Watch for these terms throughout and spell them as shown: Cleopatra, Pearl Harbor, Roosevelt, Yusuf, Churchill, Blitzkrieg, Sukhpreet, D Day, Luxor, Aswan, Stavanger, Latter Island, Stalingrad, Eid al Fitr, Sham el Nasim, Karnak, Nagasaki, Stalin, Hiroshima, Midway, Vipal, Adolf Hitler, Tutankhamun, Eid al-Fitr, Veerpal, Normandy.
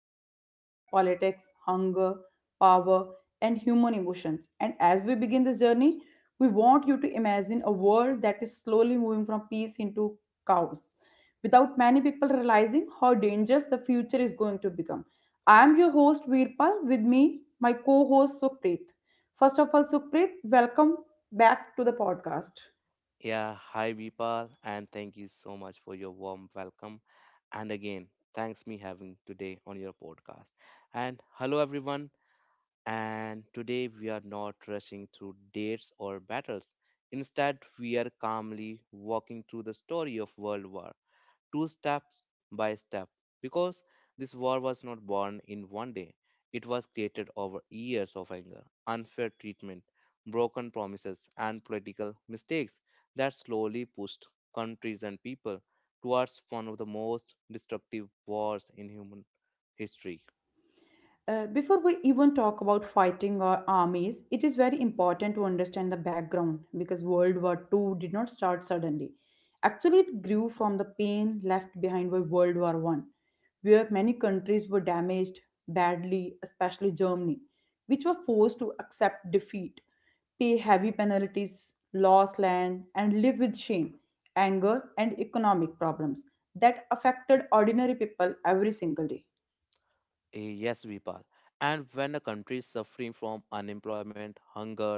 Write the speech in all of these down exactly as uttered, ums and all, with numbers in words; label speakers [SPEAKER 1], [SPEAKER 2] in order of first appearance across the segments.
[SPEAKER 1] fear, hope, politics, hunger, power, and human emotions. And as we begin this journey, we want you to imagine a world that is slowly moving from peace into chaos without many people realizing how dangerous the future is going to become. I am your host Veerpal, with me my co host Sukhpreet. First of all, Sukhpreet, welcome back to the podcast.
[SPEAKER 2] Yeah, hi Vipal, and thank you so much for your warm welcome. And again, thanks me having today on your podcast. And hello everyone. And today we are not rushing through dates or battles. Instead, we are calmly walking through the story of World War two steps by step because this war was not born in one day. It was created over years of anger, unfair treatment, broken promises, and political mistakes that slowly pushed countries and people towards one of the most destructive wars in human history.
[SPEAKER 1] Uh, before we even talk about fighting or armies, it is very important to understand the background because World War Two did not start suddenly. Actually, it grew from the pain left behind by World War One, where many countries were damaged badly, especially Germany, which were forced to accept defeat, pay heavy penalties, lose land, and live with shame, anger, and economic problems that affected ordinary people every single day.
[SPEAKER 2] Eh, Yes, Vipal. And when a country is suffering from unemployment, hunger,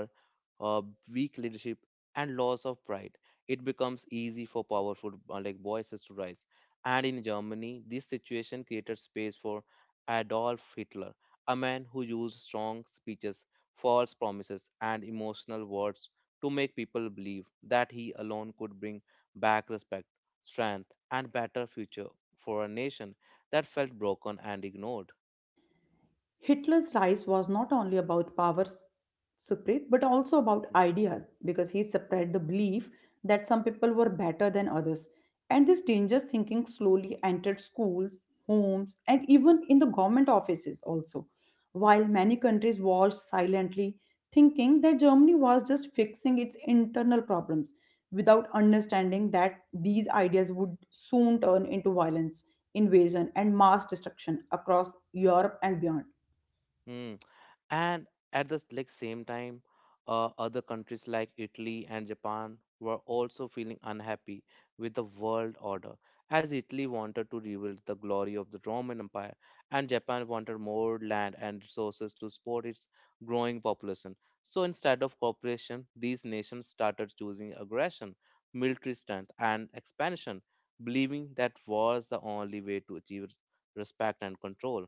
[SPEAKER 2] uh, weak leadership, and loss of pride, it becomes easy for powerful uh, like voices to rise. And in Germany, this situation created space for Adolf Hitler, a man who used strong speeches, false promises, and emotional words to make people believe that he alone could bring back respect, strength, and better future for a nation that felt broken and ignored.
[SPEAKER 1] Hitler's rise was not only about power s- spread but also about
[SPEAKER 2] Mhm.
[SPEAKER 1] ideas because he spread the belief that some people were better than others. And this dangerous thinking slowly entered schools, homes, and even in the government offices also. While many countries watched silently, thinking that Germany was just fixing its internal problems without understanding that these ideas would soon turn into violence, invasion, and mass destruction across Europe and beyond.
[SPEAKER 2] Mm. And at the like same time, uh, other countries like Italy and Japan were also feeling unhappy with the world order, as Italy wanted to rebuild the glory of the Roman Empire, and Japan wanted more land and resources to support its growing population. So instead of cooperation, these nations started choosing aggression, military strength, and expansion, believing that was the only way to achieve respect and control.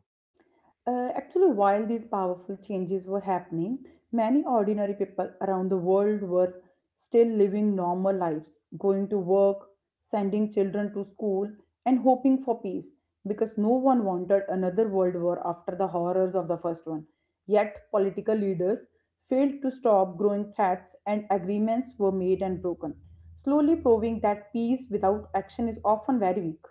[SPEAKER 1] Uh, actually, while these powerful changes were happening, many ordinary people around the world were still living normal lives, going to work, sending children to school, and hoping for peace because no one wanted another world war after the horrors of the first one. Yet, political leaders failed to stop growing threats, and agreements were made and broken, slowly proving that peace without action is often very weak.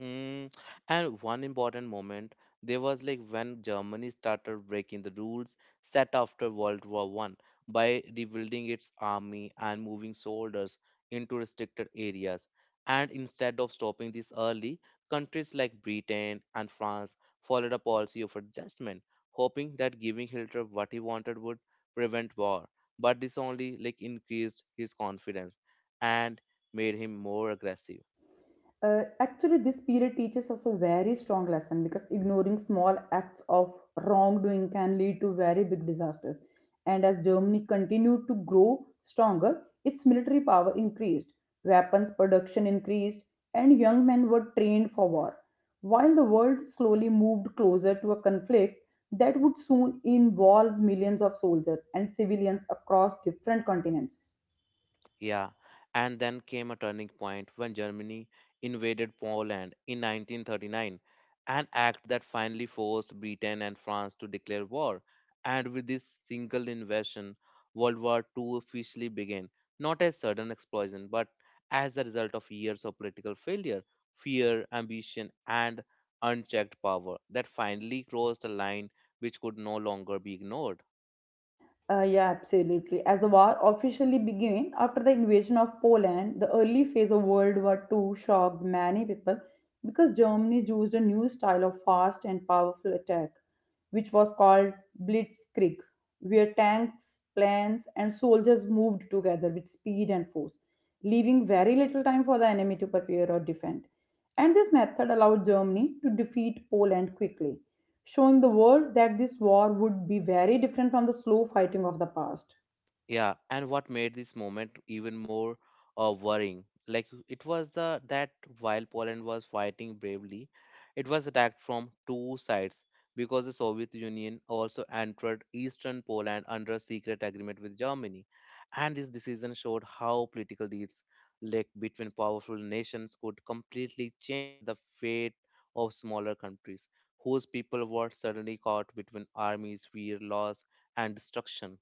[SPEAKER 2] Mm, and one important moment there was like when Germany started breaking the rules set after World War One by rebuilding its army and moving soldiers into restricted areas. And instead of stopping this early, countries like Britain and France followed a policy of adjustment, hoping that giving Hitler what he wanted would prevent war. But this only like increased his confidence and made him more aggressive.
[SPEAKER 1] Uh, actually, this period teaches us a very strong lesson because ignoring small acts of wrongdoing can lead to very big disasters. And as Germany continued to grow stronger, its military power increased, weapons production increased, and young men were trained for war. While the world slowly moved closer to a conflict that would soon involve millions of soldiers and civilians across different continents.
[SPEAKER 2] Yeah, and then came a turning point when Germany invaded Poland in nineteen thirty-nine, an act that finally forced Britain and France to declare war. And with this single invasion, World War I I officially began, not as sudden explosion, but as the result of years of political failure, fear, ambition, and unchecked power that finally crossed a line which could no longer be ignored.
[SPEAKER 1] Uh, yeah, absolutely. As the war officially began after the invasion of Poland, the early phase of World War Two shocked many people because Germany used a new style of fast and powerful attack, which was called Blitzkrieg, where tanks, planes, and soldiers moved together with speed and force, leaving very little time for the enemy to prepare or defend. And this method allowed Germany to defeat Poland quickly, showing the world that this war would be very different from the slow fighting of the past.
[SPEAKER 2] Yeah, and what made this moment even more uh, worrying, like it was the that while Poland was fighting bravely, it was attacked from two sides because the Soviet Union also entered eastern Poland under a secret agreement with Germany, and this decision showed how political deals like between powerful nations could completely change the fate of smaller countries whose people were suddenly caught between armies, fear, loss, and destruction.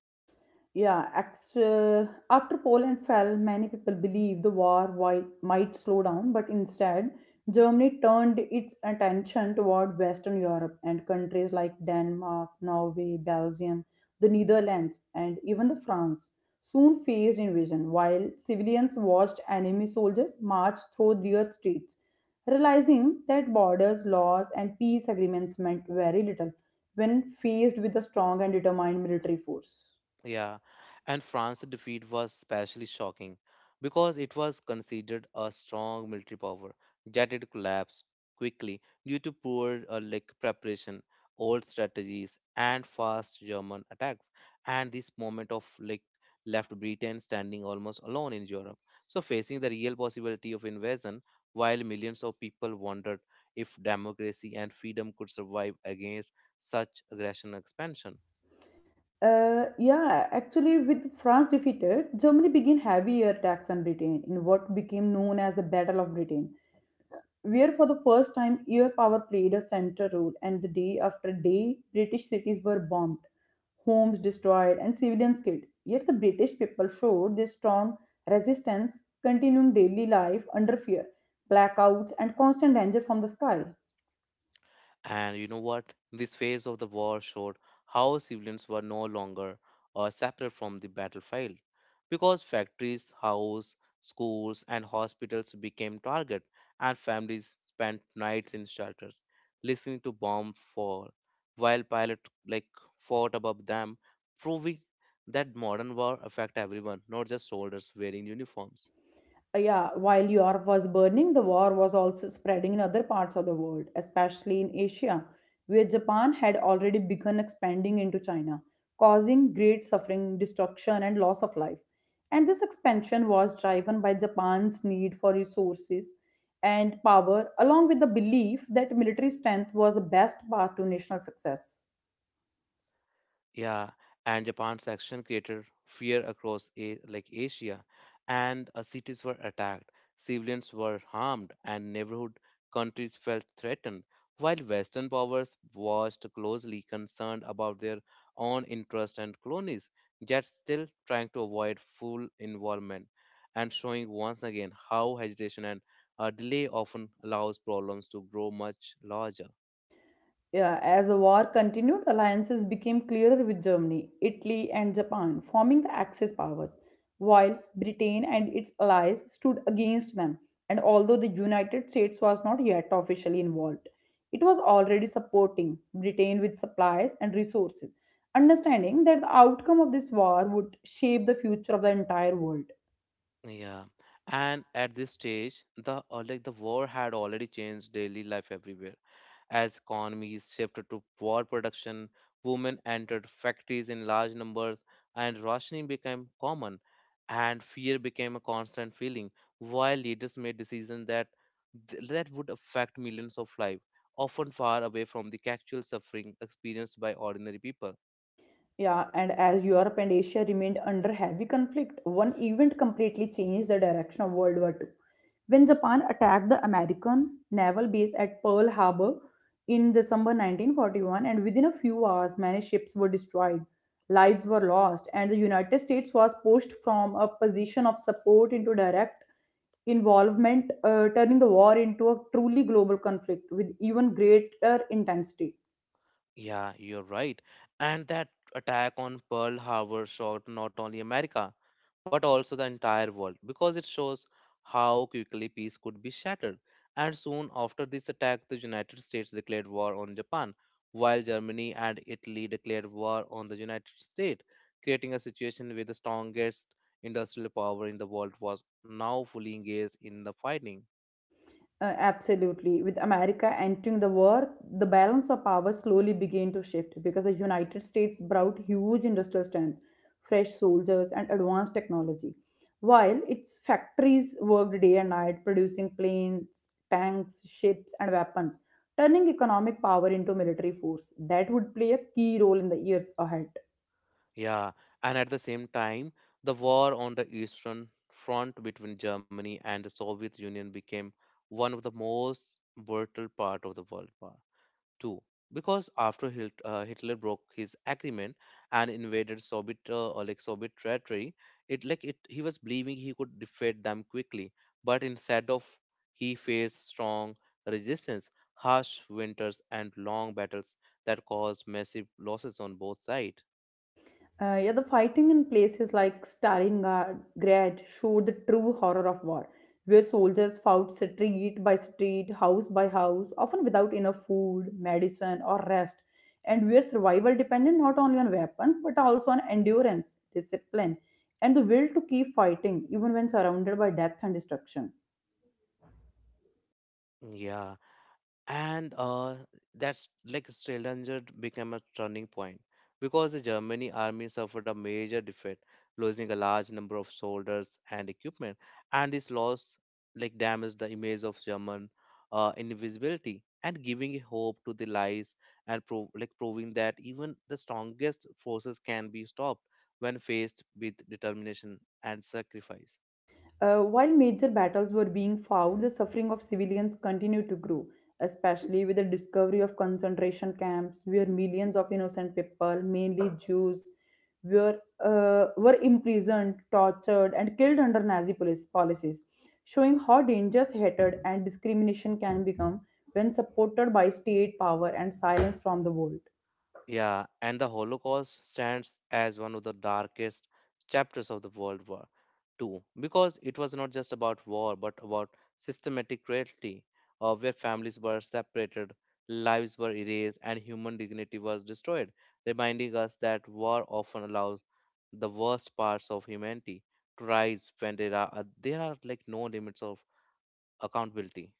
[SPEAKER 1] Yeah, act- uh, after Poland fell, many people believed the war wi- might slow down, but instead, Germany turned its attention toward Western Europe, and countries like Denmark, Norway, Belgium, the Netherlands, and even the France soon faced invasion, while civilians watched enemy soldiers march through their streets, realizing that borders, laws, and peace agreements meant very little when faced with a strong and determined military force.
[SPEAKER 2] Yeah, and France's defeat was especially shocking because it was considered a strong military power, yet it collapsed quickly due to poor uh, like preparation, old strategies, and fast German attacks. And this moment of like left Britain standing almost alone in Europe, so facing the real possibility of invasion, while millions of people wondered if democracy and freedom could survive against such aggression and expansion.
[SPEAKER 1] Uh, yeah, actually, with France defeated, Germany began heavier attacks on Britain in what became known as the Battle of Britain, where for the first time air power played a central role. And the day after day, British cities were bombed, homes destroyed, and civilians killed. Yet the British people showed their strong resistance, continuing daily life under fear, blackouts, and constant danger from the sky.
[SPEAKER 2] And you know what? This phase of the war showed how civilians were no longer uh, separate from the battlefield because factories, houses, schools, and hospitals became target, and families spent nights in shelters listening to bomb fall while pilot like fought above them, proving that modern war affect everyone, not just soldiers wearing uniforms.
[SPEAKER 1] Uh, Yeah, while Europe was burning, the war was also spreading in other parts of the world, especially in Asia, where Japan had already begun expanding into China, causing great suffering, destruction, and loss of life. And this expansion was driven by Japan's need for resources and power, along with the belief that military strength was the best path to national success.
[SPEAKER 2] Yeah, and Japan's action created fear across a, like Asia, and uh, cities were attacked, civilians were harmed, and neighborhood countries felt threatened. While Western powers watched closely, concerned about their own interests and colonies, yet still trying to avoid full involvement, and showing once again how hesitation and uh, delay often allows problems to grow much larger.
[SPEAKER 1] Yeah, as the war continued, alliances became clearer, with Germany, Italy, and Japan forming the Axis powers, while Britain and its allies stood against them. And although the United States was not yet officially involved, it was already supporting Britain with supplies and resources, understanding that the outcome of this war would shape the future of the entire world.
[SPEAKER 2] Yeah, and at this stage, the uh, like the war had already changed daily life everywhere. As economies shifted to war production, women entered factories in large numbers, and rationing became common, and fear became a constant feeling. While leaders made decisions that th- that would affect millions of lives, often far away from the actual suffering experienced by ordinary people.
[SPEAKER 1] Yeah, and as Europe and Asia remained under heavy conflict, one event completely changed the direction of World War two, when Japan attacked the American naval base at Pearl Harbor in December nineteen forty-one, and within a few hours, many ships were destroyed, lives were lost, and the United States was pushed from a position of support into direct involvement, uh, turning the war into a truly global conflict with even greater intensity.
[SPEAKER 2] Yeah, you're right. And that attack on Pearl Harbor shocked not only America, but also the entire world because it shows how quickly peace could be shattered. And soon after this attack, the United States declared war on Japan, while Germany and Italy declared war on the United States, creating a situation where the strongest industrial power in the world was now fully engaged in the fighting.
[SPEAKER 1] Uh, absolutely. With America entering the war, the balance of power slowly began to shift because the United States brought huge industrial strength, fresh soldiers, and advanced technology. While its factories worked day and night producing planes, tanks, ships, and weapons, turning economic power into military force that would play a key role in the years ahead.
[SPEAKER 2] Yeah, and at the same time, the war on the Eastern Front between Germany and the Soviet Union became one of the most brutal part of the World War Two, because after Hit- uh, Hitler broke his agreement and invaded Soviet uh, or like Soviet territory, it like it he was believing he could defeat them quickly, but instead of he faced strong resistance, harsh winters, and long battles that caused massive losses on both sides.
[SPEAKER 1] Uh, yeah, the fighting in places like Stalingrad showed the true horror of war, where soldiers fought street by street, house by house, often without enough food, medicine, or rest, and where survival depended not only on weapons but also on endurance, discipline, and the will to keep fighting even when surrounded by death and destruction.
[SPEAKER 2] Yeah, and uh, that's like Stavanger became a turning point because the Germany army suffered a major defeat, losing a large number of soldiers and equipment, and this loss like damaged the image of German uh, invisibility and giving a hope to the lies and prov- like proving that even the strongest forces can be stopped when faced with determination and sacrifice.
[SPEAKER 1] Uh, while major battles were being fought, the suffering of civilians continued to grow, especially with the discovery of concentration camps where millions of innocent people, mainly Jews, were, uh, were imprisoned, tortured, and killed under Nazi police policies, showing how dangerous hatred and discrimination can become when supported by state power and silenced from the world.
[SPEAKER 2] Yeah, and the Holocaust stands as one of the darkest chapters of the World War two because it was not just about war but about systematic cruelty, uh, where families were separated, lives were erased, and human dignity was destroyed, reminding us that war often allows the worst parts of humanity to rise when there are, there are like no limits of accountability.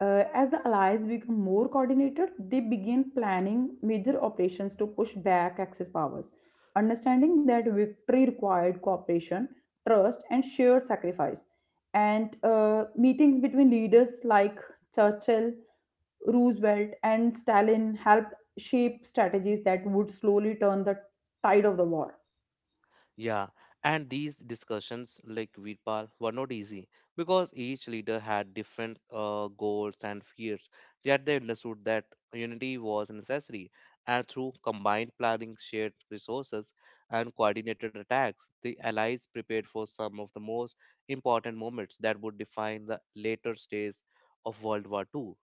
[SPEAKER 1] Uh, as the allies become more coordinated, they begin planning major operations to push back Axis powers, understanding that victory required cooperation, trust, and shared sacrifice. And uh, meetings between leaders like Churchill, Roosevelt, and Stalin helped shape strategies that would slowly turn the tide of the war.
[SPEAKER 2] Yeah, and these discussions, like Virpal, were not easy because each leader had different uh, goals and fears. Yet they understood that unity was necessary, and through combined planning, shared resources, and coordinated attacks, the allies prepared for some of the most important moments that would define the later stages of World War Two.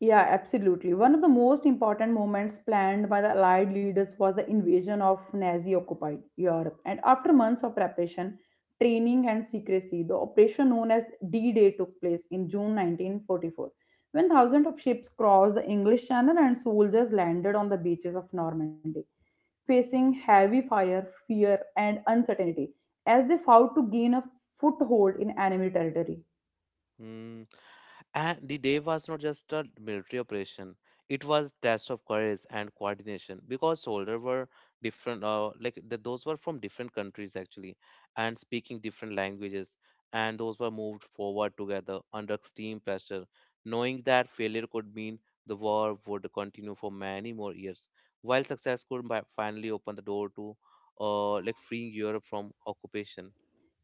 [SPEAKER 1] Yeah, absolutely. One of the most important moments planned by the Allied leaders was the invasion of Nazi occupied Europe. And after months of preparation, training, and secrecy, the operation known as D Day took place in June nineteen forty-four, when thousands of ships crossed the English Channel and soldiers landed on the beaches of Normandy, facing heavy fire, fear, and uncertainty as they fought to gain a foothold in enemy territory.
[SPEAKER 2] Hmm. And the day was not just a military operation; it was test of courage and coordination because soldiers were different. Uh, like th- those were from different countries actually, and speaking different languages, and those were moved forward together under extreme pressure, knowing that failure could mean the war would continue for many more years, while success could ma- finally open the door to, uh, like freeing Europe from occupation.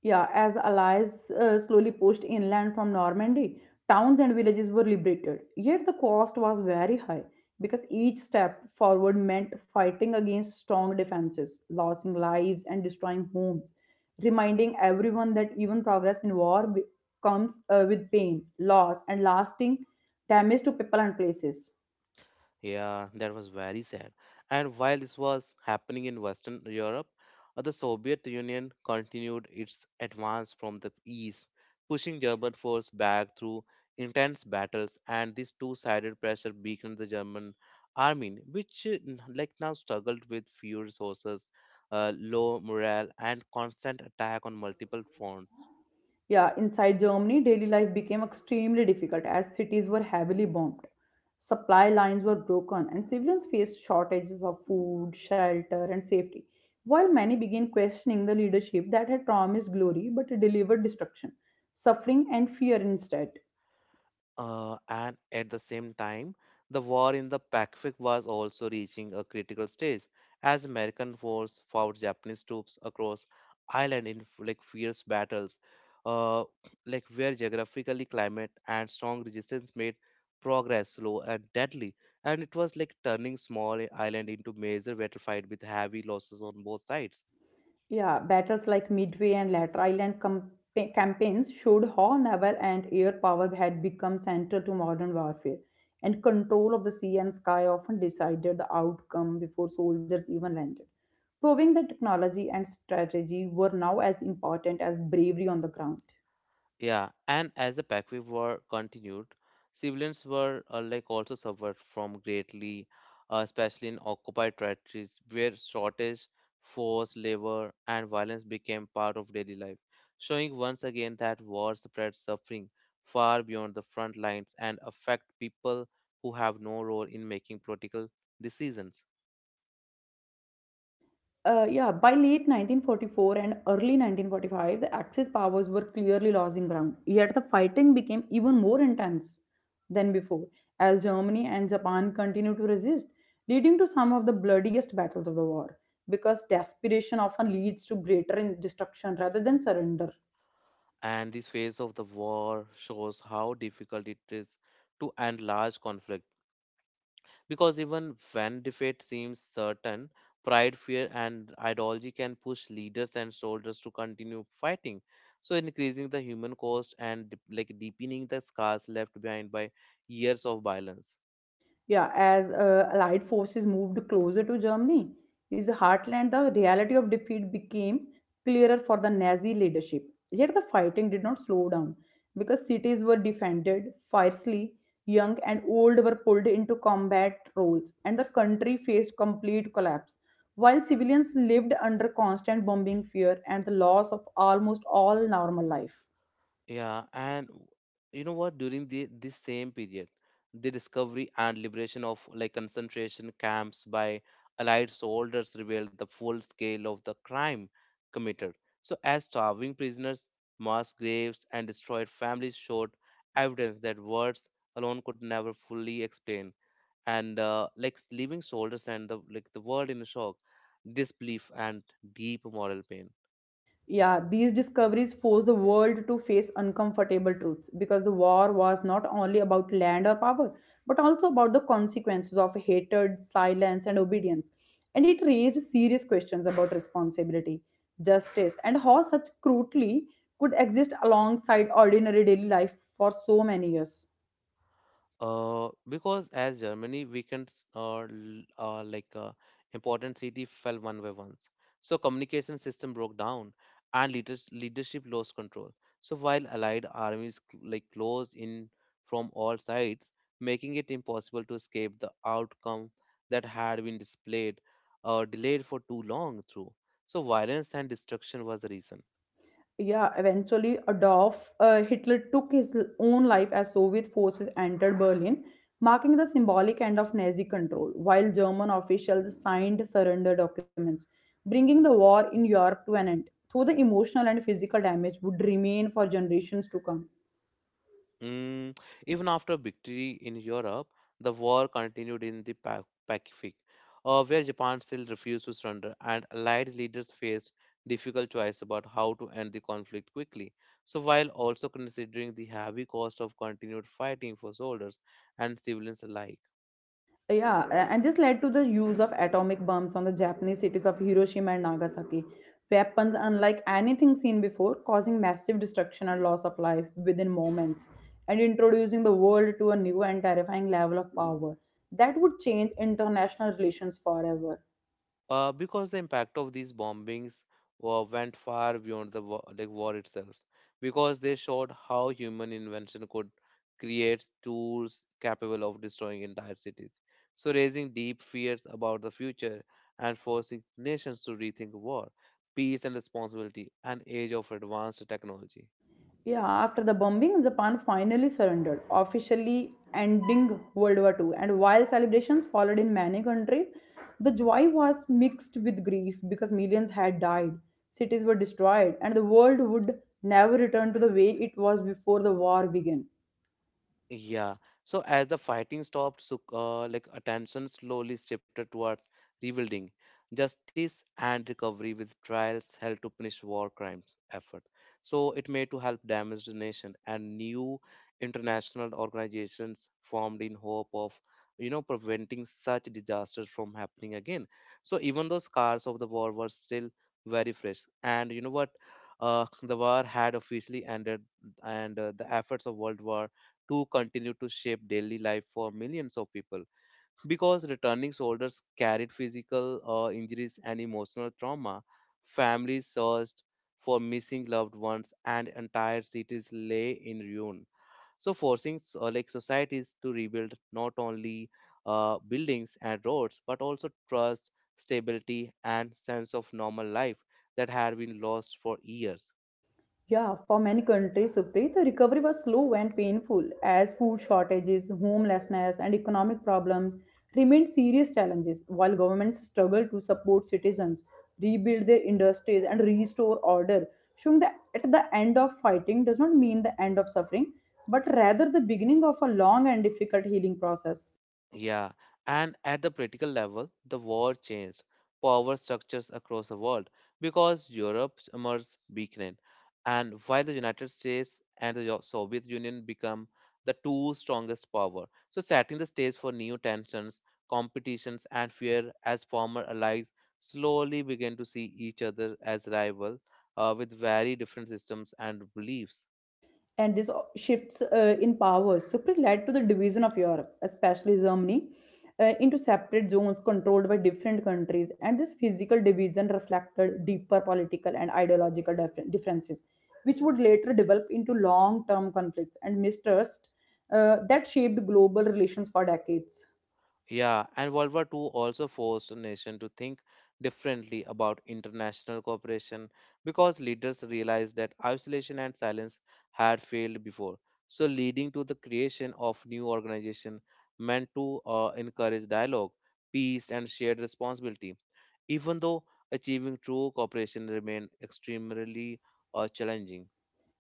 [SPEAKER 1] Yeah, as the allies uh, slowly pushed inland from Normandy, towns and villages were liberated. Yet the cost was very high because each step forward meant fighting against strong defenses, losing lives, and destroying homes, reminding everyone that even progress in war be- comes uh, with pain, loss, and lasting damage to people and places.
[SPEAKER 2] Yeah, that was very sad. And while this was happening in Western Europe, uh, the Soviet Union continued its advance from the east, pushing German force back through intense battles, and this two-sided pressure weakened the German army, which uh, n- like now struggled with few resources, uh, low morale, and constant attack on multiple fronts.
[SPEAKER 1] Yeah, inside Germany, daily life became extremely difficult as cities were heavily bombed. Supply lines were broken, and civilians faced shortages of food, shelter, and safety. While many began questioning the leadership that had promised glory but delivered destruction, suffering, and fear instead.
[SPEAKER 2] Uh, and at the same time, the war in the Pacific was also reaching a critical stage as American force fought Japanese troops across island in f- like fierce battles, uh, like where geographically climate and strong resistance made progress slow and deadly. And it was like turning small island into major battlefield with heavy losses on both sides.
[SPEAKER 1] Yeah, battles like Midway and Latter Island campa- campaigns showed how naval and air power had become central to modern warfare, and control of the sea and sky often decided the outcome before soldiers even landed, proving that technology and strategy were now as important as bravery on the ground.
[SPEAKER 2] Yeah, and as the Pakvi war continued, civilians were uh, like also suffered from greatly, uh, especially in occupied territories where shortage, forced labor, and violence became part of daily life, showing once again that war spreads suffering far beyond the front lines and affect people who have no role in making political decisions.
[SPEAKER 1] Uh, yeah, by late nineteen forty-four and early nineteen forty-five, the Axis powers were clearly losing ground. Yet the fighting became even more intense than before, as Germany and Japan continued to resist, leading to some of the bloodiest battles of the war. Because desperation often leads to greater in- destruction rather than surrender.
[SPEAKER 2] And this phase of the war shows how difficult it is to end large conflicts. Because even when defeat seems certain, pride, fear, and ideology can push leaders and soldiers to continue fighting. So, increasing the human cost and dep- like deepening the scars left behind by years of violence.
[SPEAKER 1] Yeah, as uh, Allied forces moved closer to Germany, his heartland, the reality of defeat became clearer for the Nazi leadership. Yet the fighting did not slow down because cities were defended fiercely, young and old were pulled into combat roles, and the country faced complete collapse. While civilians lived under constant bombing fear and the loss of almost all normal life.
[SPEAKER 2] Yeah, and w- you know what? During the this same period, the discovery and liberation of like concentration camps by Allied soldiers revealed the full scale of the crime committed. So, as starving prisoners, mass graves, and destroyed families showed evidence that words alone could never fully explain, and uh, like leaving soldiers and the like the world in a shock, disbelief, and deep moral pain.
[SPEAKER 1] Yeah, these discoveries forced the world to face uncomfortable truths because the war was not only about land or power, but also about the consequences of hatred, silence, and obedience. And it raised serious questions about responsibility, justice, and how such cruelty could exist alongside ordinary daily life for so many years.
[SPEAKER 2] Uh, because as Germany weekends are l- are like uh, important city fell one by ones. So communication system broke down and leaders, leadership lost control. So while allied armies cl- like closed in from all sides, making it impossible to escape the outcome that had been displayed or delayed for too long through. So violence and destruction was the reason.
[SPEAKER 1] Yeah, eventually Adolf uh, Hitler took his l- own life as Soviet forces entered Berlin, marking the symbolic end of Nazi control, while German officials signed surrender documents, bringing the war in Europe to an end, though the emotional and physical damage would remain for generations to come.
[SPEAKER 2] Mm, even after victory in Europe, the war continued in the Pa- Pacific, uh, where Japan still refused to surrender, and Allied leaders faced difficult choice about how to end the conflict quickly. So, while also considering the heavy cost of continued fighting for soldiers and civilians alike.
[SPEAKER 1] Yeah, a- and this led to the use of atomic bombs on the Japanese cities of Hiroshima and Nagasaki. Weapons unlike anything seen before, causing massive destruction and loss of life within moments, and introducing the world to a new and terrifying level of power that would change international relations forever.
[SPEAKER 2] Uh, because the impact of these bombings uh, went far beyond the war, like war itself because they showed how human invention could create tools capable of destroying entire cities, so raising deep fears about the future and forcing nations to rethink war, peace and responsibility an age of advanced technology.
[SPEAKER 1] Yeah, after the bombing, Japan finally surrendered, officially ending World War Two. And while celebrations followed in many countries, the joy was mixed with grief because millions had died, cities were destroyed, and the world would never return to the way it was before the war began.
[SPEAKER 2] Yeah. So as the fighting stopped, so, uh, like attention slowly shifted towards rebuilding, justice and recovery with trials held to punish war crimes effort. So it made to help damaged nation and new international organizations formed in hope of you know preventing such disasters from happening again. So even though scars of the war were still very fresh, and you know what, uh, the war had officially ended, and uh, the efforts of World War to continue to shape daily life for millions of people. Because returning soldiers carried physical uh, injuries and emotional trauma, families searched for missing loved ones, and entire cities lay in ruin. So, forcing s- uh, like societies to rebuild not only uh, buildings and roads, but also trust, stability, and sense of normal life that had been lost for years.
[SPEAKER 1] Yeah, for many countries, Supreet, the recovery was slow and painful as food shortages, homelessness, and economic problems remained serious challenges while governments struggled to support citizens, rebuild their industries, and restore order, showing that at the end of fighting does not mean the end of suffering, but rather the beginning of a long and difficult healing process.
[SPEAKER 2] Yeah, and at the political level, the war changed power structures across the world because Europe's emerged weakened, and while the United States and the Yo- Soviet Union become the two strongest power, so setting the stage for new tensions, competitions, and fear as former allies slowly began to see each other as rival uh, with very different systems and beliefs.
[SPEAKER 1] And this o- shifts uh, in powers simply led to the division of Europe, especially Germany, uh, into separate zones controlled by different countries. And this physical division reflected deeper political and ideological dif- differences, which would later develop into long term conflicts and mistrust uh, that shaped global relations for decades.
[SPEAKER 2] Yeah, and World War Two also forced a nation to think differently about international cooperation because leaders realized that isolation and silence had failed before. So, leading to the creation of new organization meant to uh, encourage dialogue, peace, and shared responsibility. Even though achieving true cooperation remained extremely uh, challenging.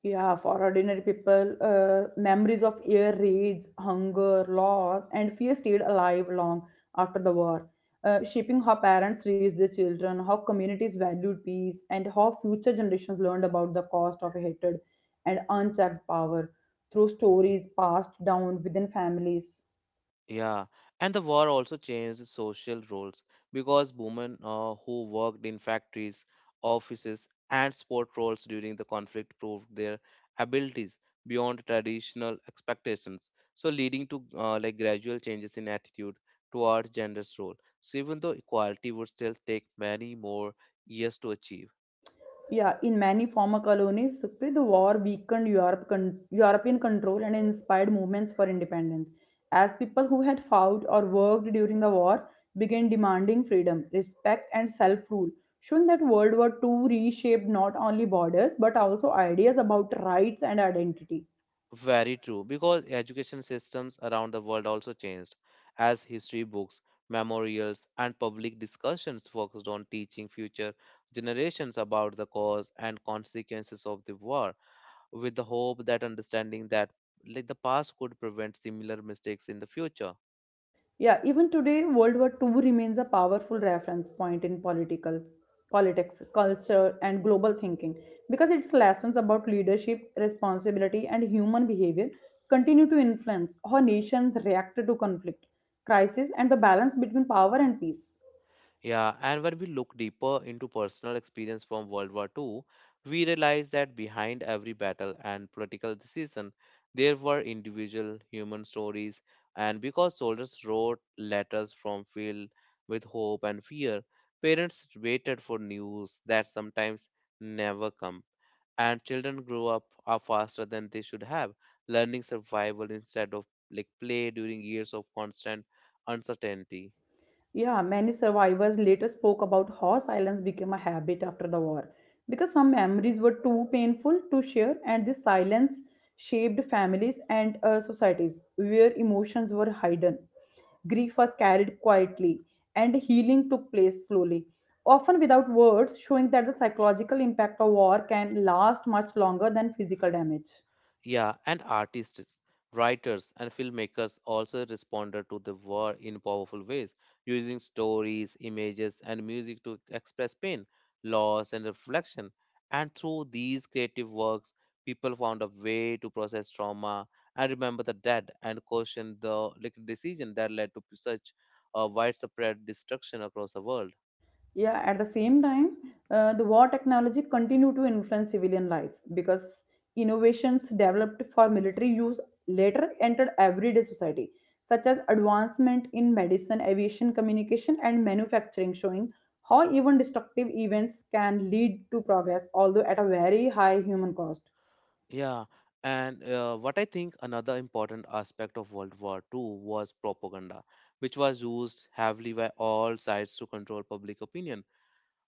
[SPEAKER 1] Yeah, for ordinary people, uh, memories of air raids, hunger, loss, and fear stayed alive long after the war, uh, shaping how parents raised their children, how communities valued peace, and how future generations learned about the cost of hatred and unchecked power through stories passed down within families.
[SPEAKER 2] Yeah, and the war also changed the social roles because women uh, who worked in factories, offices, and sport roles during the conflict proved their abilities beyond traditional expectations. So, leading to uh, like gradual changes in attitude towards gender's role. So, even though equality would still take many more years to achieve.
[SPEAKER 1] Yeah, in many former colonies, Sukhpreet, the war weakened Europe con- European control and inspired movements for independence, as people who had fought or worked during the war began demanding freedom, respect, and self rule, showing that World War two reshaped not only borders but also ideas about rights and identity.
[SPEAKER 2] Very true, because education systems around the world also changed, as history books, memorials, and public discussions focused on teaching future generations about the cause and consequences of the war, with the hope that understanding that like the past could prevent similar mistakes in the future.
[SPEAKER 1] Yeah, even today, World War Two remains a powerful reference point in political, politics, culture, and global thinking because its lessons about leadership, responsibility, and human behavior continue to influence how nations react to conflict, crisis, and the balance between power and peace.
[SPEAKER 2] Yeah, and when we look deeper into personal experience from World War Two, we realize that behind every battle and political decision, there were individual human stories. And because soldiers wrote letters from field with hope and fear, parents waited for news that sometimes never come. And children grew up are faster than they should have, learning survival instead of like play during years of constant uncertainty.
[SPEAKER 1] Yeah, many survivors later spoke about how silence became a habit after the war because some memories were too painful to share, and this silence shaped families and uh, societies where emotions were hidden. Grief was carried quietly, and healing took place slowly, often without words, showing that the psychological impact of war can last much longer than physical damage.
[SPEAKER 2] Yeah, and artists, writers, and filmmakers also responded to the war in powerful ways, using stories, images, and music to express pain, loss, and reflection. And through these creative works, people found a way to process trauma and remember the dead and question the like, decision that led to such a widespread destruction across the world.
[SPEAKER 1] Yeah, at the same time, uh, the war technology continue to influence civilian life because innovations developed for military use later entered everyday society, such as advancement in medicine, aviation, communication, and manufacturing, showing how even destructive events can lead to progress, although at a very high human cost.
[SPEAKER 2] Yeah, and uh, what I think another important aspect of World War Two was propaganda, which was used heavily by all sides to control public opinion,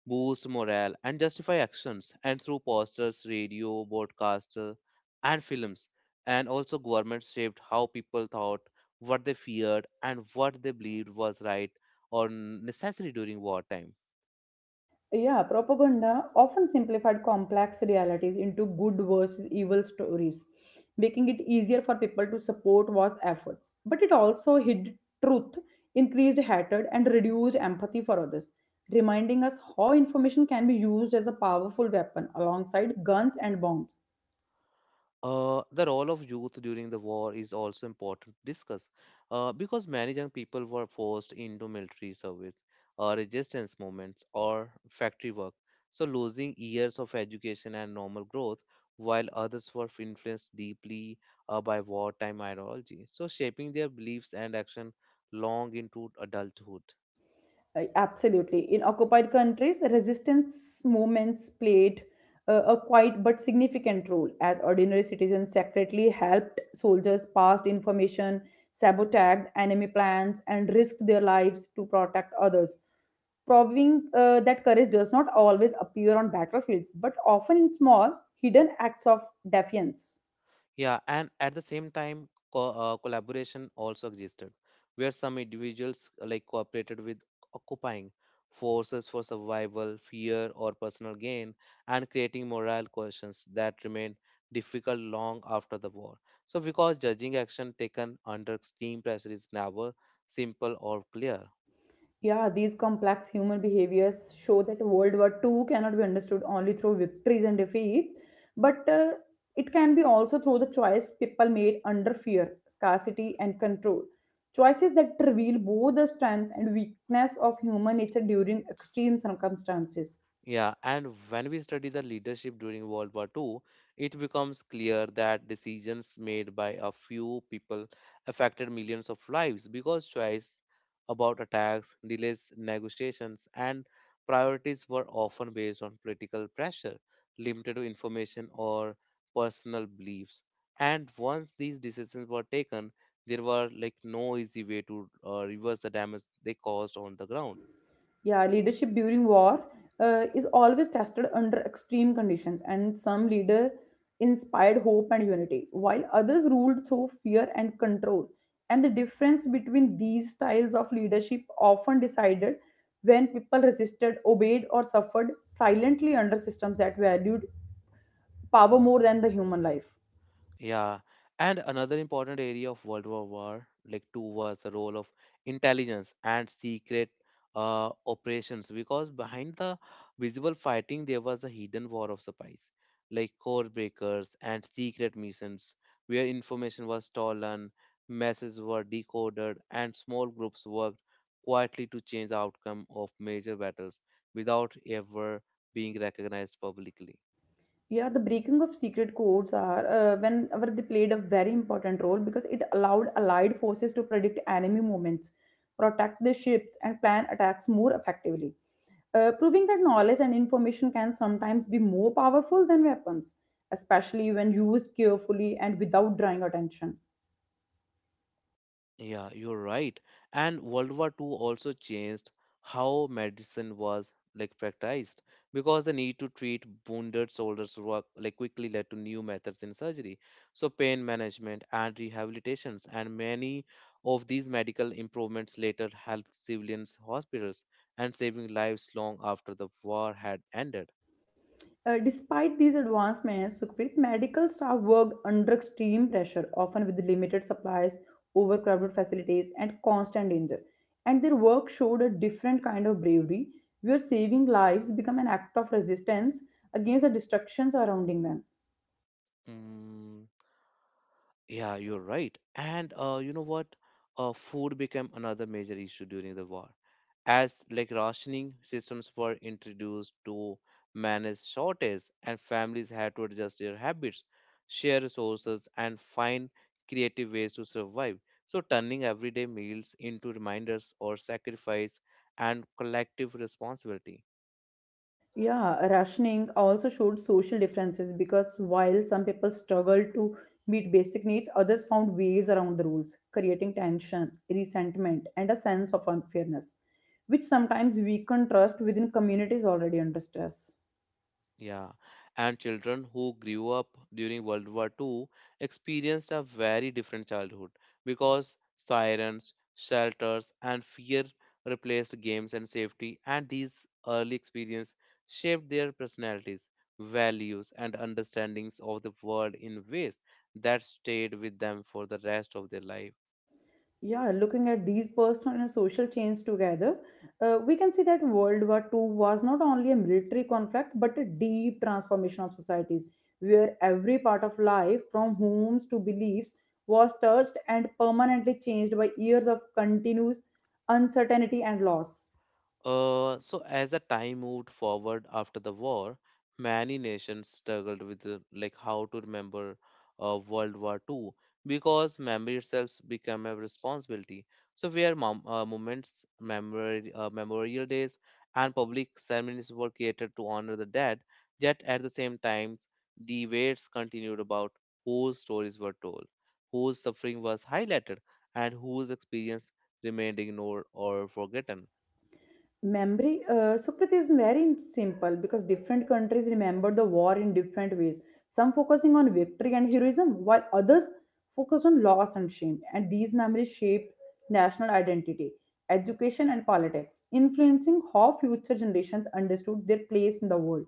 [SPEAKER 2] boost morale, and justify actions, and through posters, radio, broadcasters, and films. And also, governments shaped how people thought, what they feared, and what they believed was right or necessary during wartime.
[SPEAKER 1] Yeah, propaganda often simplified complex realities into good versus evil stories, making it easier for people to support war's efforts. But it also hid truth, increased hatred, and reduced empathy for others, reminding us how information can be used as a powerful weapon alongside guns and bombs.
[SPEAKER 2] Uh, the role of youth during the war is also important to discuss uh, because many young people were forced into military service, uh, resistance movements, or factory work, so losing years of education and normal growth, while others were influenced deeply uh, by wartime ideology, so shaping their beliefs and action long into adulthood.
[SPEAKER 1] Uh, Absolutely. In occupied countries, resistance movements played uh, a quiet but significant role as ordinary citizens secretly helped soldiers passed information, sabotaged enemy plans, and risked their lives to protect others, proving uh, that courage does not always appear on battlefields but often in small, hidden acts of defiance.
[SPEAKER 2] Yeah, and at the same time, co- uh, collaboration also existed, where some individuals uh, like cooperated with occupying forces for survival, fear, or personal gain, and creating moral questions that remained difficult long after the war. So, because judging action taken under extreme pressure is never simple or clear.
[SPEAKER 1] Yeah, these complex human behaviors show that World War Two cannot be understood only through victories and defeats, but uh, it can be also through the choice people made under fear, scarcity, and control. Choices that reveal both the strength and weakness of human nature during extreme circumstances.
[SPEAKER 2] Yeah, and when we study the leadership during World War Two, it becomes clear that decisions made by a few people affected millions of lives because choice about attacks, delays, negotiations, and priorities were often based on political pressure, limited to information, or personal beliefs. And once these decisions were taken, there were like no easy way to uh, reverse the damage they caused on the ground.
[SPEAKER 1] Yeah, leadership during war uh, is always tested under extreme conditions, and some leader inspired hope and unity, while others ruled through fear and control. And the difference between these styles of leadership often decided when people resisted, obeyed, or suffered silently under systems that valued power more than the human life.
[SPEAKER 2] Yeah, and another important area of World War War, like two, was the role of intelligence and secret uh, operations. Because behind the visible fighting, there was a hidden war of spies, like code breakers and secret missions, where information was stolen, messages were decoded, and small groups worked quietly to change the outcome of major battles without ever being recognized publicly.
[SPEAKER 1] Yeah, the breaking of secret codes are uh, whenever they played a very important role because it allowed allied forces to predict enemy movements, protect their ships, and plan attacks more effectively, uh, proving that knowledge and information can sometimes be more powerful than weapons, especially when used carefully and without drawing attention.
[SPEAKER 2] Yeah, you're right. And World War Two also changed how medicine was like practiced because the need to treat wounded soldiers were like quickly led to new methods in surgery. So pain management and rehabilitations and many of these medical improvements later helped civilians hospitals and saving lives long after the war had ended.
[SPEAKER 1] Uh, despite these advancements, Sukhpreet, medical staff worked under extreme pressure, often with limited supplies, overcrowded facilities, and constant danger. And their work showed a different kind of bravery, where saving lives become an act of resistance against the destruction surrounding them.
[SPEAKER 2] Mm, yeah, you're right. And uh, you know what? Uh, food became another major issue during the war, as like rationing systems were introduced to manage shortages, and families had to adjust their habits, share resources, and find creative ways to survive. So, turning everyday meals into reminders or sacrifice and collective responsibility.
[SPEAKER 1] Yeah, rationing also showed social differences because while some people struggled to meet basic needs, others found ways around the rules, creating tension, resentment, and a sense of unfairness, which sometimes weakened trust within communities already under stress.
[SPEAKER 2] Yeah, and children who grew up during World War Two experienced a very different childhood because sirens, shelters, and fear replaced games and safety, and these early experiences shaped their personalities, values, and understandings of the world in ways that stayed with them for the rest of their life.
[SPEAKER 1] Yeah, looking at these personal and social chains together, uh, we can see that world war Two was not only a military conflict but a deep transformation of societies where every part of life from homes to beliefs was touched and permanently changed by years of continuous uncertainty and loss.
[SPEAKER 2] Uh, so, as the time moved forward after the war, many nations struggled with uh, like how to remember uh, World War World War Two because memory itself became a responsibility. So, where mom- uh, moments, memory, uh, memorial days, and public ceremonies were created to honor the dead, yet at the same time, debates continued about whose stories were told, whose suffering was highlighted, and whose experience remained ignored or forgotten.
[SPEAKER 1] Memory, uh, Sukrit, is very simple because different countries remember the war in different ways. Some focusing on victory and heroism, while others focused on loss and shame. And these memories shaped national identity, education, and politics, influencing how future generations understood their place in the world.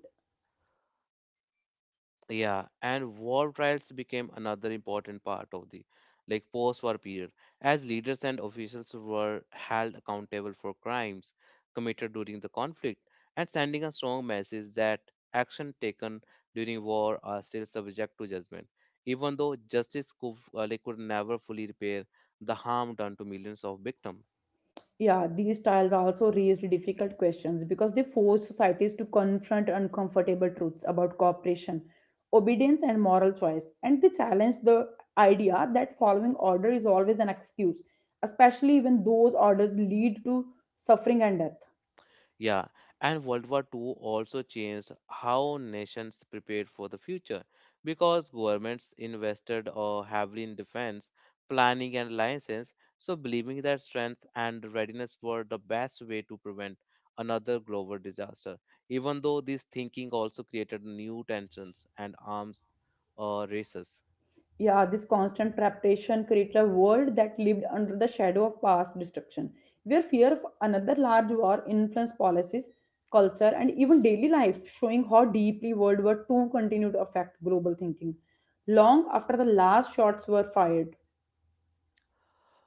[SPEAKER 2] Yeah, and war trials became another important part of the like post-war period, as leaders and officials were held accountable for crimes committed during the conflict and sending a strong message that action taken during war are still subject to judgment, even though justice could, uh, like, could never fully repair the harm done to millions of victims.
[SPEAKER 1] Yeah, these trials also raised difficult questions because they forced societies to confront uncomfortable truths about cooperation, obedience, and moral choice. And they challenged the idea that following order is always an excuse, especially when those orders lead to suffering and death.
[SPEAKER 2] Yeah, and World War Two also changed how nations prepared for the future because governments invested uh, heavily in defense, planning, and alliances, so believing that strength and readiness were the best way to prevent another global disaster. Even though this thinking also created new tensions and arms uh, races.
[SPEAKER 1] Yeah, this constant preparation created a world that lived under the shadow of past destruction, where fear of another large war influenced policies, culture, and even daily life, showing how deeply World War Two continued to affect global thinking long after the last shots were fired.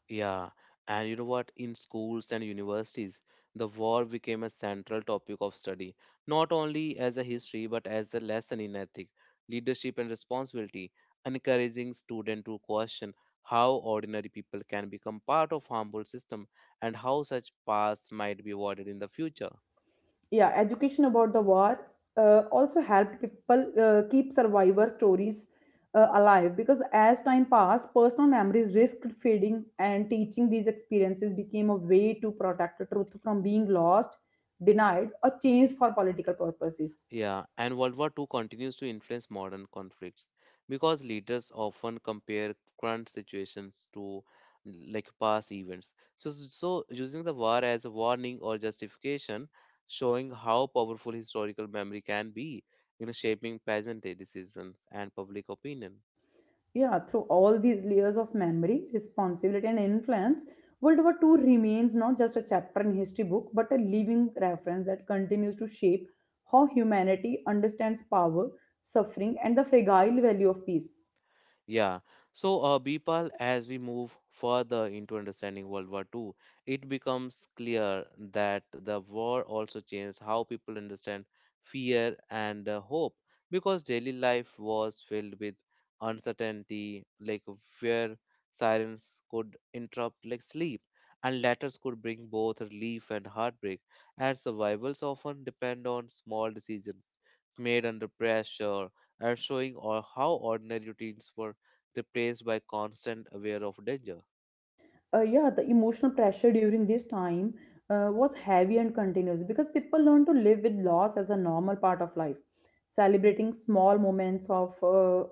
[SPEAKER 2] Yeah, and you know what? In schools and universities, the war became a central topic of study, not only as a history but as a lesson in ethics, leadership, and responsibility, encouraging students to question how ordinary people can become part of harmful system and how such paths might be avoided in the future.
[SPEAKER 1] Yeah, education about the war, uh, also helped people uh, keep survivor stories uh, alive because as time passed personal memories risked fading and teaching these experiences became a way to protect the truth from being lost, denied, or changed for political purposes.
[SPEAKER 2] Yeah, and World War Two continues to influence modern conflicts because leaders often compare current situations to like past events. So, so using the war as a warning or justification, showing how powerful historical memory can be in shaping present day decisions and public opinion.
[SPEAKER 1] Yeah, through all these layers of memory, responsibility, and influence, World War Two remains not just a chapter in history book, but a living reference that continues to shape how humanity understands power, suffering, and the fragile value of peace.
[SPEAKER 2] Yeah. So, uh, Bipal, as we move further into understanding World War Two, it becomes clear that the war also changed how people understand fear and uh, hope because daily life was filled with uncertainty, like where sirens could interrupt like sleep, and letters could bring both relief and heartbreak, and survivals often depend on small decisions made under pressure and showing or how ordinary routines were replaced by constant aware of danger.
[SPEAKER 1] Uh, yeah, the emotional pressure during this time uh, was heavy and continuous because people learned to live with loss as a normal part of life, celebrating small moments of uh,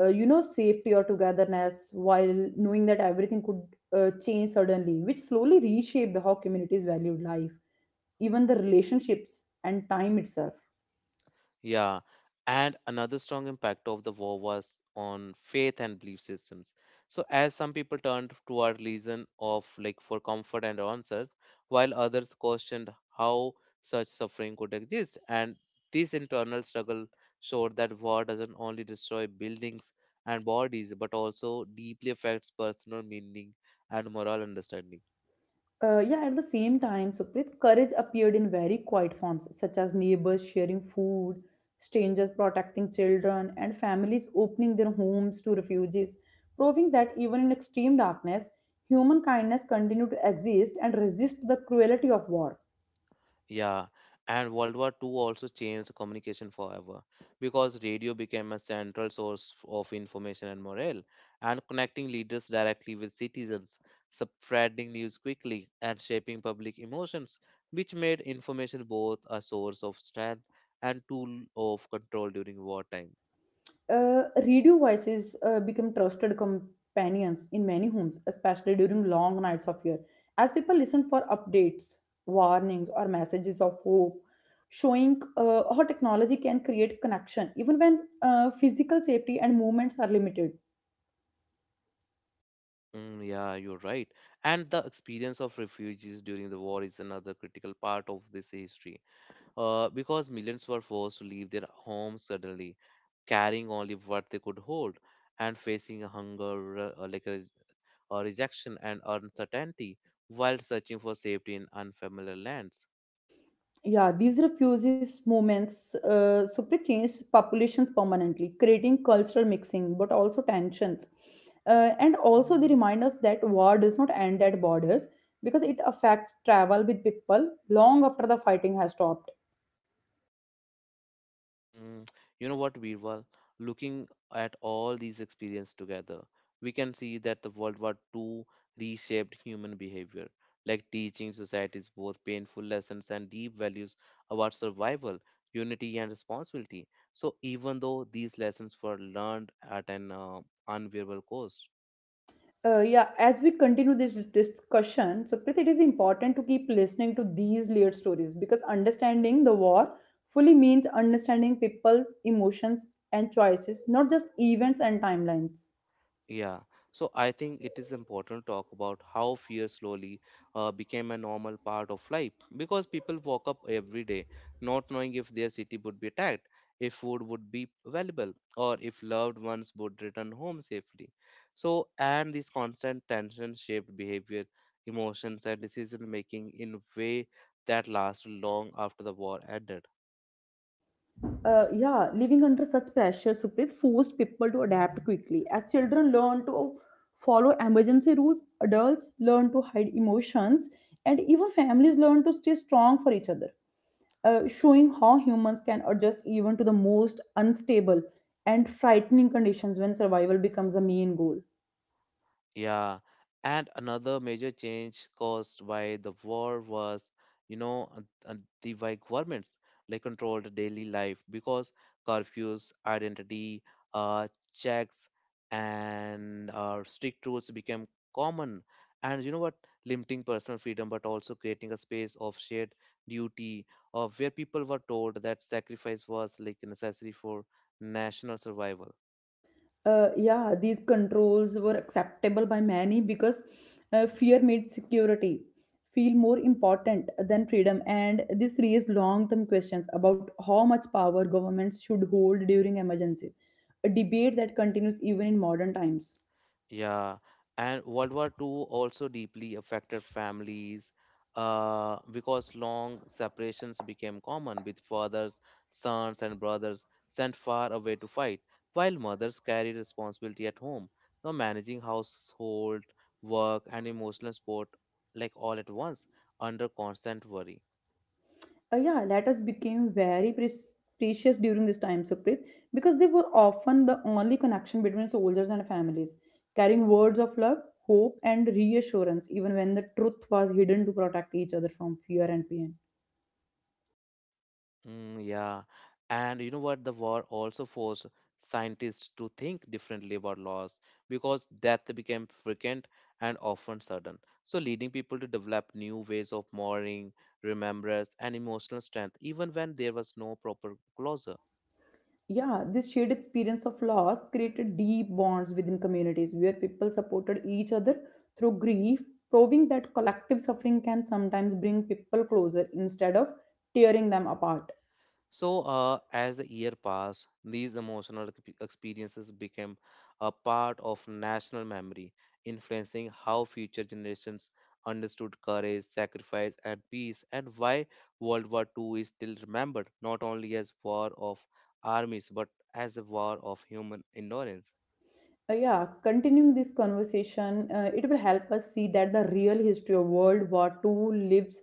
[SPEAKER 1] uh, you know safety or togetherness while knowing that everything could uh, change suddenly, which slowly reshaped how communities valued life, even the relationships and time itself.
[SPEAKER 2] Yeah, and another strong impact of the war was on faith and belief systems. So as some people turned toward religion of like for comfort and answers, while others questioned how such suffering could exist. And this internal struggle showed that war doesn't only destroy buildings and bodies, but also deeply affects personal meaning and moral understanding.
[SPEAKER 1] Uh, yeah, at the same time Sukrit, courage appeared in very quiet forms such as neighbors sharing food, strangers protecting children, and families opening their homes to refugees, proving that even in extreme darkness human kindness continued to exist and resist the cruelty of war.
[SPEAKER 2] Yeah, and World War Two also changed communication forever because radio became a central source f- of information and morale, and connecting leaders directly with citizens, spreading news quickly, and shaping public emotions, which made information both a source of strength and tool of control during wartime.
[SPEAKER 1] Uh, radio voices uh, become trusted companions in many homes, especially during long nights of fear. As people listen for updates, warnings, or messages of hope, showing uh, how technology can create connection even when uh, physical safety and movements are limited.
[SPEAKER 2] Mm, yeah, you're right. And the experience of refugees during the war is another critical part of this history, uh, because millions were forced to leave their homes suddenly carrying only what they could hold and facing hunger uh, uh, like a, res- or rejection and uncertainty while searching for safety in unfamiliar lands.
[SPEAKER 1] Yeah, these refugees movements uh, super changed populations permanently, creating cultural mixing, but also tensions. Uh, and also, they remind us that war does not end at borders because it affects travel with people long after the fighting has stopped.
[SPEAKER 2] Mm, you know what, Birwal? Looking at all these experiences together, we can see that the World War World War Two reshaped human behavior, like teaching societies both painful lessons and deep values about survival, unity, and responsibility. So, even though these lessons were learned at an uh, unbearable cost.
[SPEAKER 1] Uh, yeah, as we continue this discussion, Supreet, it is important to keep listening to these layered stories because understanding the war fully means understanding people's emotions and choices, not just events and timelines.
[SPEAKER 2] Yeah, so I think it is important to talk about how fear slowly uh, became a normal part of life because people woke up every day not knowing if their city would be attacked, if food would be available, or if loved ones would return home safely. So, and this constant tension shaped behavior, emotions, and decision making in a way that lasted long after the war ended.
[SPEAKER 1] Uh, yeah, living under such pressure, Supreet, forced people to adapt quickly. As children learn to follow emergency rules, adults learn to hide emotions, and even families learn to stay strong for each other, uh, showing how humans can adjust even to the most unstable and frightening conditions when survival becomes the main goal.
[SPEAKER 2] Yeah, and another major change caused by the war was, you know, uh, uh, the by governments like controlled daily life because curfews, identity, uh, checks, and uh, strict rules became common. And you know what? Limiting personal freedom, but also creating a space of shared duty, of where people were told that sacrifice was like necessary for national survival.
[SPEAKER 1] Uh, yeah, these controls were acceptable by many because uh, fear made security feel more important than freedom, and this raised long-term questions about how much power governments should hold during emergencies, a debate that continues even in modern times.
[SPEAKER 2] Yeah, and World War Two also deeply affected families uh, because long separations became common, with fathers, sons, and brothers sent far away to fight, while mothers carried responsibility at home, now managing household work and emotional support like all at once under constant worry.
[SPEAKER 1] Uh, yeah, letters became very pres- precious during this time, Sukrit, because they were often the only connection between soldiers and families, carrying words of love, hope, and reassurance, even when the truth was hidden to protect each other from fear and pain.
[SPEAKER 2] Mm, yeah. And you know what? The war also forced scientists to think differently about laws because death became frequent and often sudden. So, leading people to develop new ways of mourning, remembrance, and emotional strength, even when there was no proper closure.
[SPEAKER 1] Yeah, this shared experience of loss created deep bonds within communities where people supported each other through grief, proving that collective suffering can sometimes bring people closer instead of tearing them apart.
[SPEAKER 2] So, uh, as the year passed, these emotional exp- experiences became a part of national memory, influencing how future generations understood courage, sacrifice, and peace, and why World War two is still remembered not only as war of armies but as a war of human endurance.
[SPEAKER 1] Uh, yeah, continuing this conversation, uh, it will help us see that the real history of World War Two lives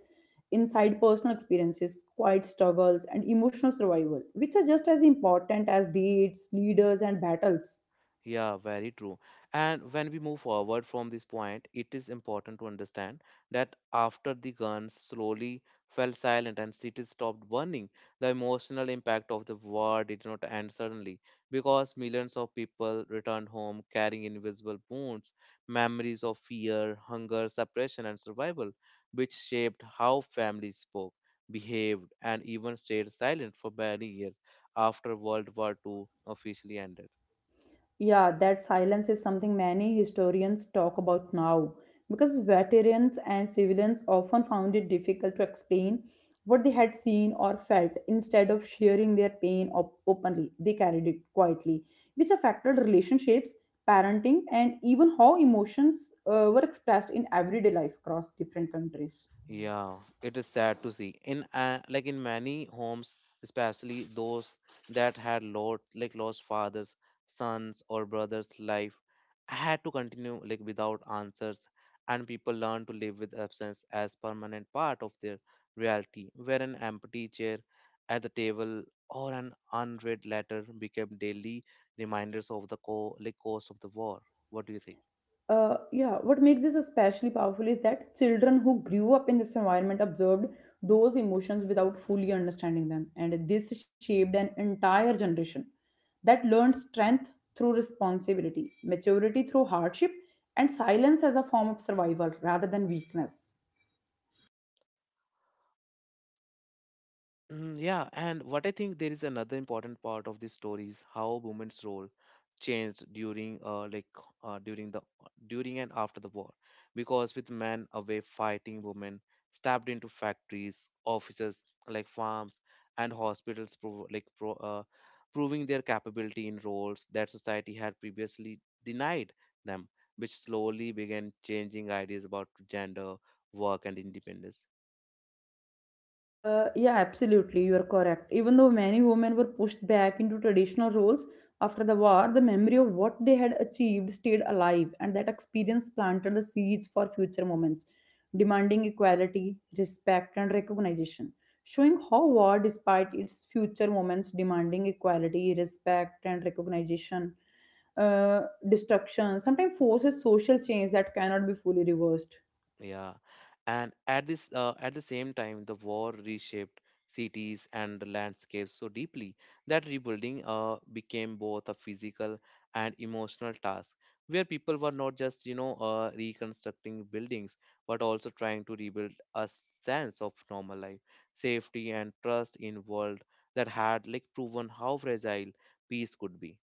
[SPEAKER 1] inside personal experiences, quiet struggles, and emotional survival, which are just as important as dates, leaders, and battles.
[SPEAKER 2] Yeah, very true. And when we move forward from this point, it is important to understand that after the guns slowly fell silent and cities stopped burning, the emotional impact of the war did not end suddenly because millions of people returned home carrying invisible wounds, memories of fear, hunger, suppression, and survival, which shaped how families spoke, behaved, and even stayed silent for many years after World War two officially ended.
[SPEAKER 1] Yeah, that silence is something many historians talk about now because veterans and civilians often found it difficult to explain what they had seen or felt. Instead of sharing their pain op- openly, they carried it quietly, which affected relationships, parenting, and even how emotions uh, were expressed in everyday life across different countries.
[SPEAKER 2] Yeah, it is sad to see. In uh, like in many homes, especially those that had lost like lost fathers, sons, or brothers' life, had to continue like without answers, and people learned to live with absence as permanent part of their reality, where an empty chair at the table or an unread letter became daily reminders of the co like course of the war. What do you think?
[SPEAKER 1] uh, yeah, what makes this especially powerful is that children who grew up in this environment observed those emotions without fully understanding them, and this shaped an entire generation that learned strength through responsibility, maturity through hardship, and silence as a form of survival rather than weakness.
[SPEAKER 2] Mm, yeah, and what I think there is another important part of this story is how women's role changed during uh like uh during the during and after the war because with men away fighting women stabbed into factories offices like farms and hospitals prov- like pro- uh, proving their capability in roles that society had previously denied them, which slowly began changing ideas about gender work and independence.
[SPEAKER 1] Uh, yeah, Absolutely. You are correct. Even though many women were pushed back into traditional roles after the war, the memory of what they had achieved stayed alive, and that experience planted the seeds for future moments, demanding equality, respect, and recognition. Showing how war, despite its future moments demanding equality, respect, and recognition, uh, destruction, sometimes forces social change that cannot be fully reversed.
[SPEAKER 2] Yeah, and at this uh, at the same time, the war reshaped cities and the landscapes so deeply that rebuilding uh, became both a physical and emotional task, where people were not just you know uh, reconstructing buildings, but also trying to rebuild a sense of normal life, safety, and trust in world that had like proven how fragile peace could be.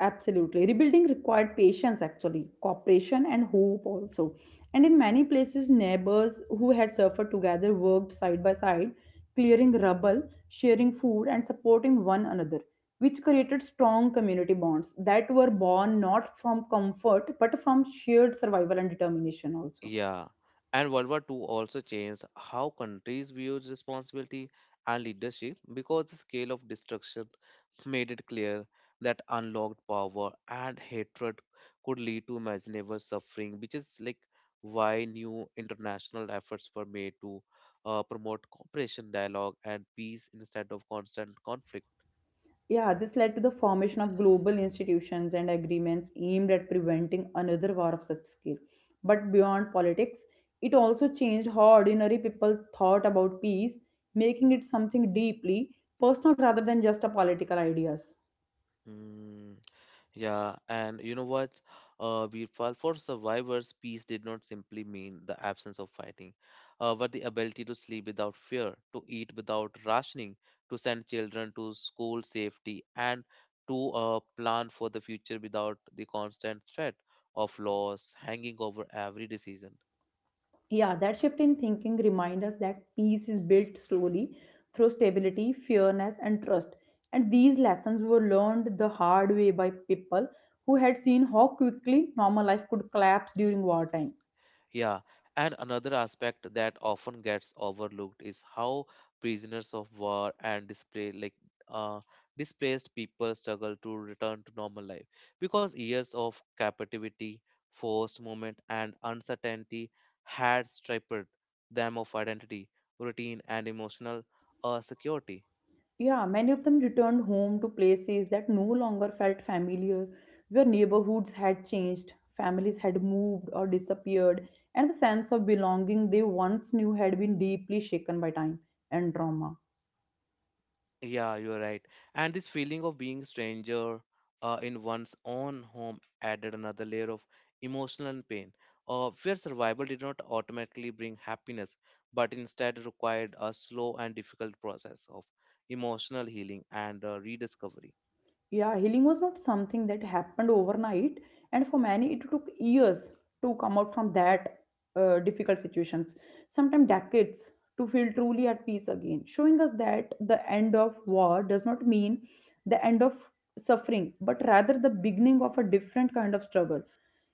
[SPEAKER 1] Absolutely. Rebuilding required patience, actually, cooperation, and hope also. And in many places, neighbors who had suffered together worked side by side, clearing rubble, sharing food, and supporting one another, which created strong community bonds that were born not from comfort but from shared survival and determination, also.
[SPEAKER 2] Yeah, and World War Two also changed how countries viewed responsibility and leadership because the scale of destruction made it clear that unlocked power and hatred could lead to imaginable suffering, which is like why new international efforts were made to uh, promote cooperation, dialogue, and peace instead of constant conflict.
[SPEAKER 1] Yeah, this led to the formation of global institutions and agreements aimed at preventing another war of such scale. But beyond politics, it also changed how ordinary people thought about peace, making it something deeply personal rather than just a political ideas.
[SPEAKER 2] Mm. Yeah, and you know what, uh, Birpal, for survivors, peace did not simply mean the absence of fighting, uh, but the ability to sleep without fear, to eat without rationing, to send children to school safety, and to uh, plan for the future without the constant threat of loss hanging over every decision.
[SPEAKER 1] Yeah, that shift in thinking reminds us that peace is built slowly through stability, fairness, and trust. And these lessons were learned the hard way by people who had seen how quickly normal life could collapse during wartime.
[SPEAKER 2] Yeah, and another aspect that often gets overlooked is how prisoners of war and display like uh, displaced people struggle to return to normal life because years of captivity, forced movement, and uncertainty had stripped them of identity, routine, and emotional uh, security.
[SPEAKER 1] Yeah, many of them returned home to places that no longer felt familiar, where neighborhoods had changed, families had moved or disappeared, and the sense of belonging they once knew had been deeply shaken by time and trauma.
[SPEAKER 2] Yeah, you're right. And this feeling of being stranger uh, in one's own home added another layer of emotional pain, uh, where survival did not automatically bring happiness, but instead required a slow and difficult process of emotional healing and uh, rediscovery.
[SPEAKER 1] Yeah, healing was not something that happened overnight, and for many it took years to come out from that uh, difficult situations, sometimes decades to feel truly at peace again, showing us that the end of war does not mean the end of suffering but rather the beginning of a different kind of struggle.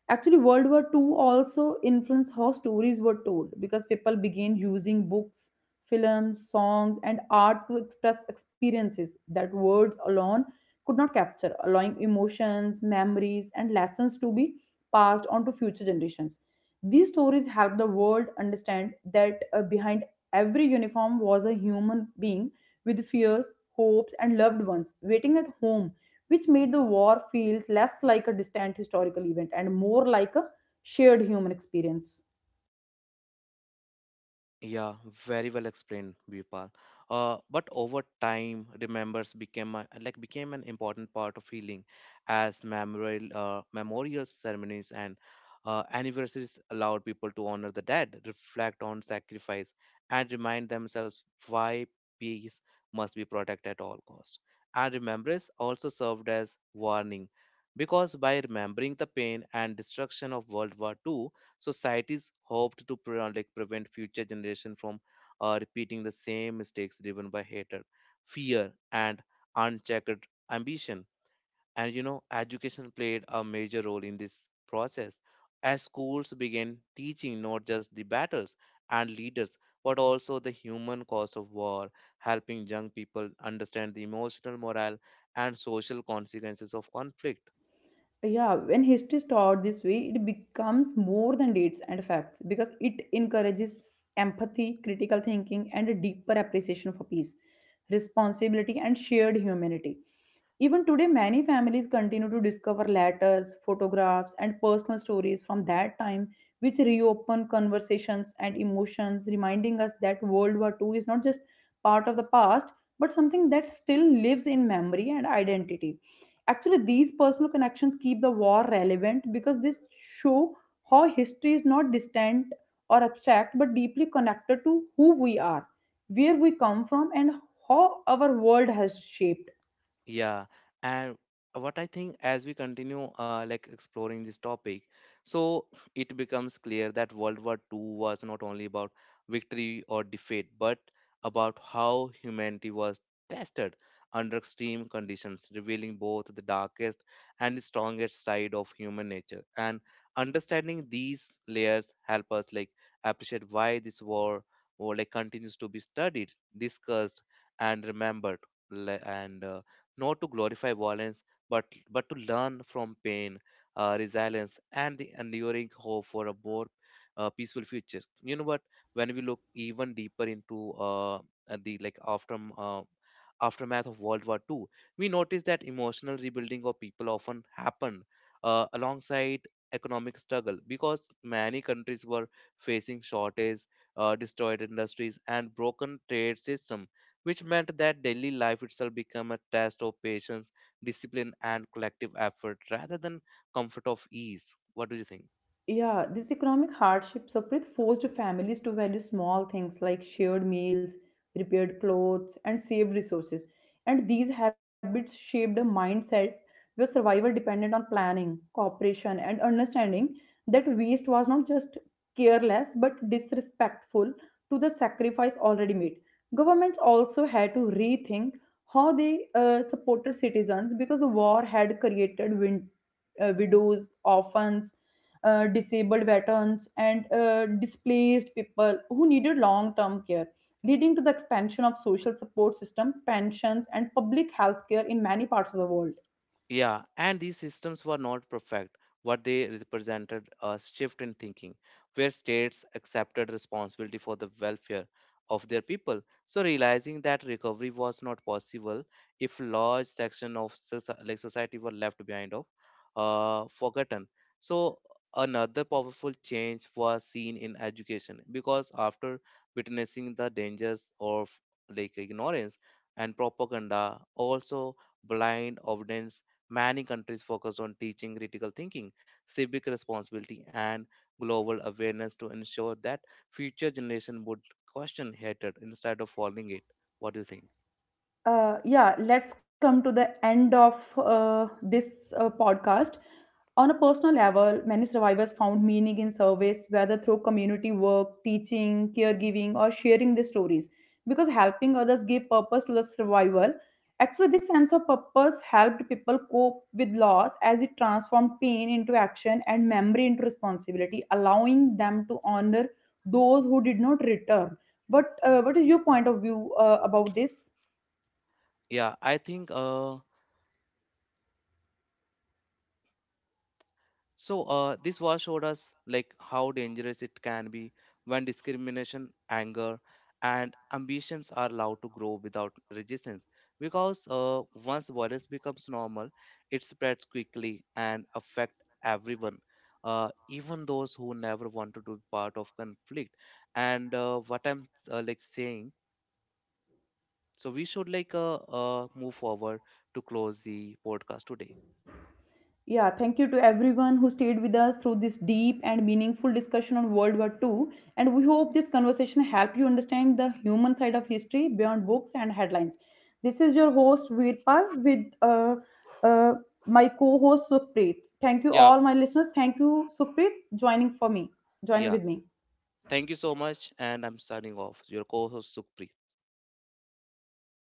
[SPEAKER 1] Actually, World War Two also influenced how stories were told because people began using books, films, songs, and art to express experiences that words alone could not capture, allowing emotions, memories, and lessons to be passed on to future generations. These stories help the world understand that uh, behind every uniform was a human being with fears, hopes, and loved ones waiting at home, which made the war feels less like a distant historical event and more like a shared human experience.
[SPEAKER 2] Yeah, very well explained, Vipal. Uh, but over time, remembers became a, like became an important part of healing, as memorial uh, memorial ceremonies and uh, anniversaries allowed people to honor the dead, reflect on sacrifice, and remind themselves why peace must be protected at all costs. And remembrance also served as warning, because by remembering the pain and destruction of World War Two. Societies hoped to pre- uh, like prevent future generation from uh, repeating the same mistakes driven by hatred, fear, and unchecked ambition. And you know, education played a major role in this process as schools began teaching not just the battles and leaders but also the human cost of war, helping young people understand the emotional, moral, and social consequences of conflict.
[SPEAKER 1] Yeah, when history is taught this way, it becomes more than dates and facts because it encourages empathy, critical thinking, and a deeper appreciation for peace, responsibility, and shared humanity. Even today, many families continue to discover letters, photographs, and personal stories from that time, which reopen conversations and emotions, reminding us that World War Two is not just part of the past, but something that still lives in memory and identity. Actually, these personal connections keep the war relevant because they show how history is not distant or abstract but deeply connected to who we are, where we come from, and how our world has shaped.
[SPEAKER 2] Yeah, and what I think as we continue uh, like exploring this topic, so it becomes clear that World War two was not only about victory or defeat, but about how humanity was tested under extreme conditions, revealing both the darkest and the strongest side of human nature. And understanding these layers help us like appreciate why this war or like continues to be studied, discussed, and remembered. Le- And uh, not to glorify violence, but, but to learn from pain, uh, resilience, and the enduring hope for a more uh, peaceful future. You know what? When we look even deeper into uh, at the like after uh, aftermath of World War two, we notice that emotional rebuilding of people often happened uh, alongside economic struggle because many countries were facing shortage, uh, destroyed industries, and broken trade systems, which meant that daily life itself became a test of patience, discipline, and collective effort rather than comfort of ease. What do you think?
[SPEAKER 1] Yeah, this economic hardship separate forced families to value small things like shared meals, repaired clothes, and saved resources. And these habits shaped a mindset where survival depended on planning, cooperation, and understanding that waste was not just careless but disrespectful to the sacrifice already made. Governments also had to rethink how they uh, supported citizens because the war had created win- uh, widows, orphans, uh, disabled veterans, and uh, displaced people who needed long term care, leading to the expansion of social support system, pensions, and public health care in many parts of the world.
[SPEAKER 2] Yeah, and these systems were not perfect. What they represented a shift in thinking, where states accepted responsibility for the welfare of their people. So, realizing that recovery
[SPEAKER 1] Uh, yeah, let's come to the end of uh, this uh, podcast. On a personal level, many survivors found meaning in service, whether through community work, teaching, caregiving, or sharing their stories. Because helping others gave purpose to the survival. Actually, this sense of purpose helped people cope with loss as it transformed pain into action and memory into responsibility, allowing them to honor those who did not return. But uh, what is your point of view uh, about this? Yeah, thank you to everyone who stayed with us through this deep and meaningful discussion on World War Two. And we hope this conversation helped you understand the human side of history beyond books and headlines. This is your host, Virpal, with uh, uh, my co host, Sukhpreet. Thank you, all my listeners. Thank you, Sukhpreet, joining for me, joining with me.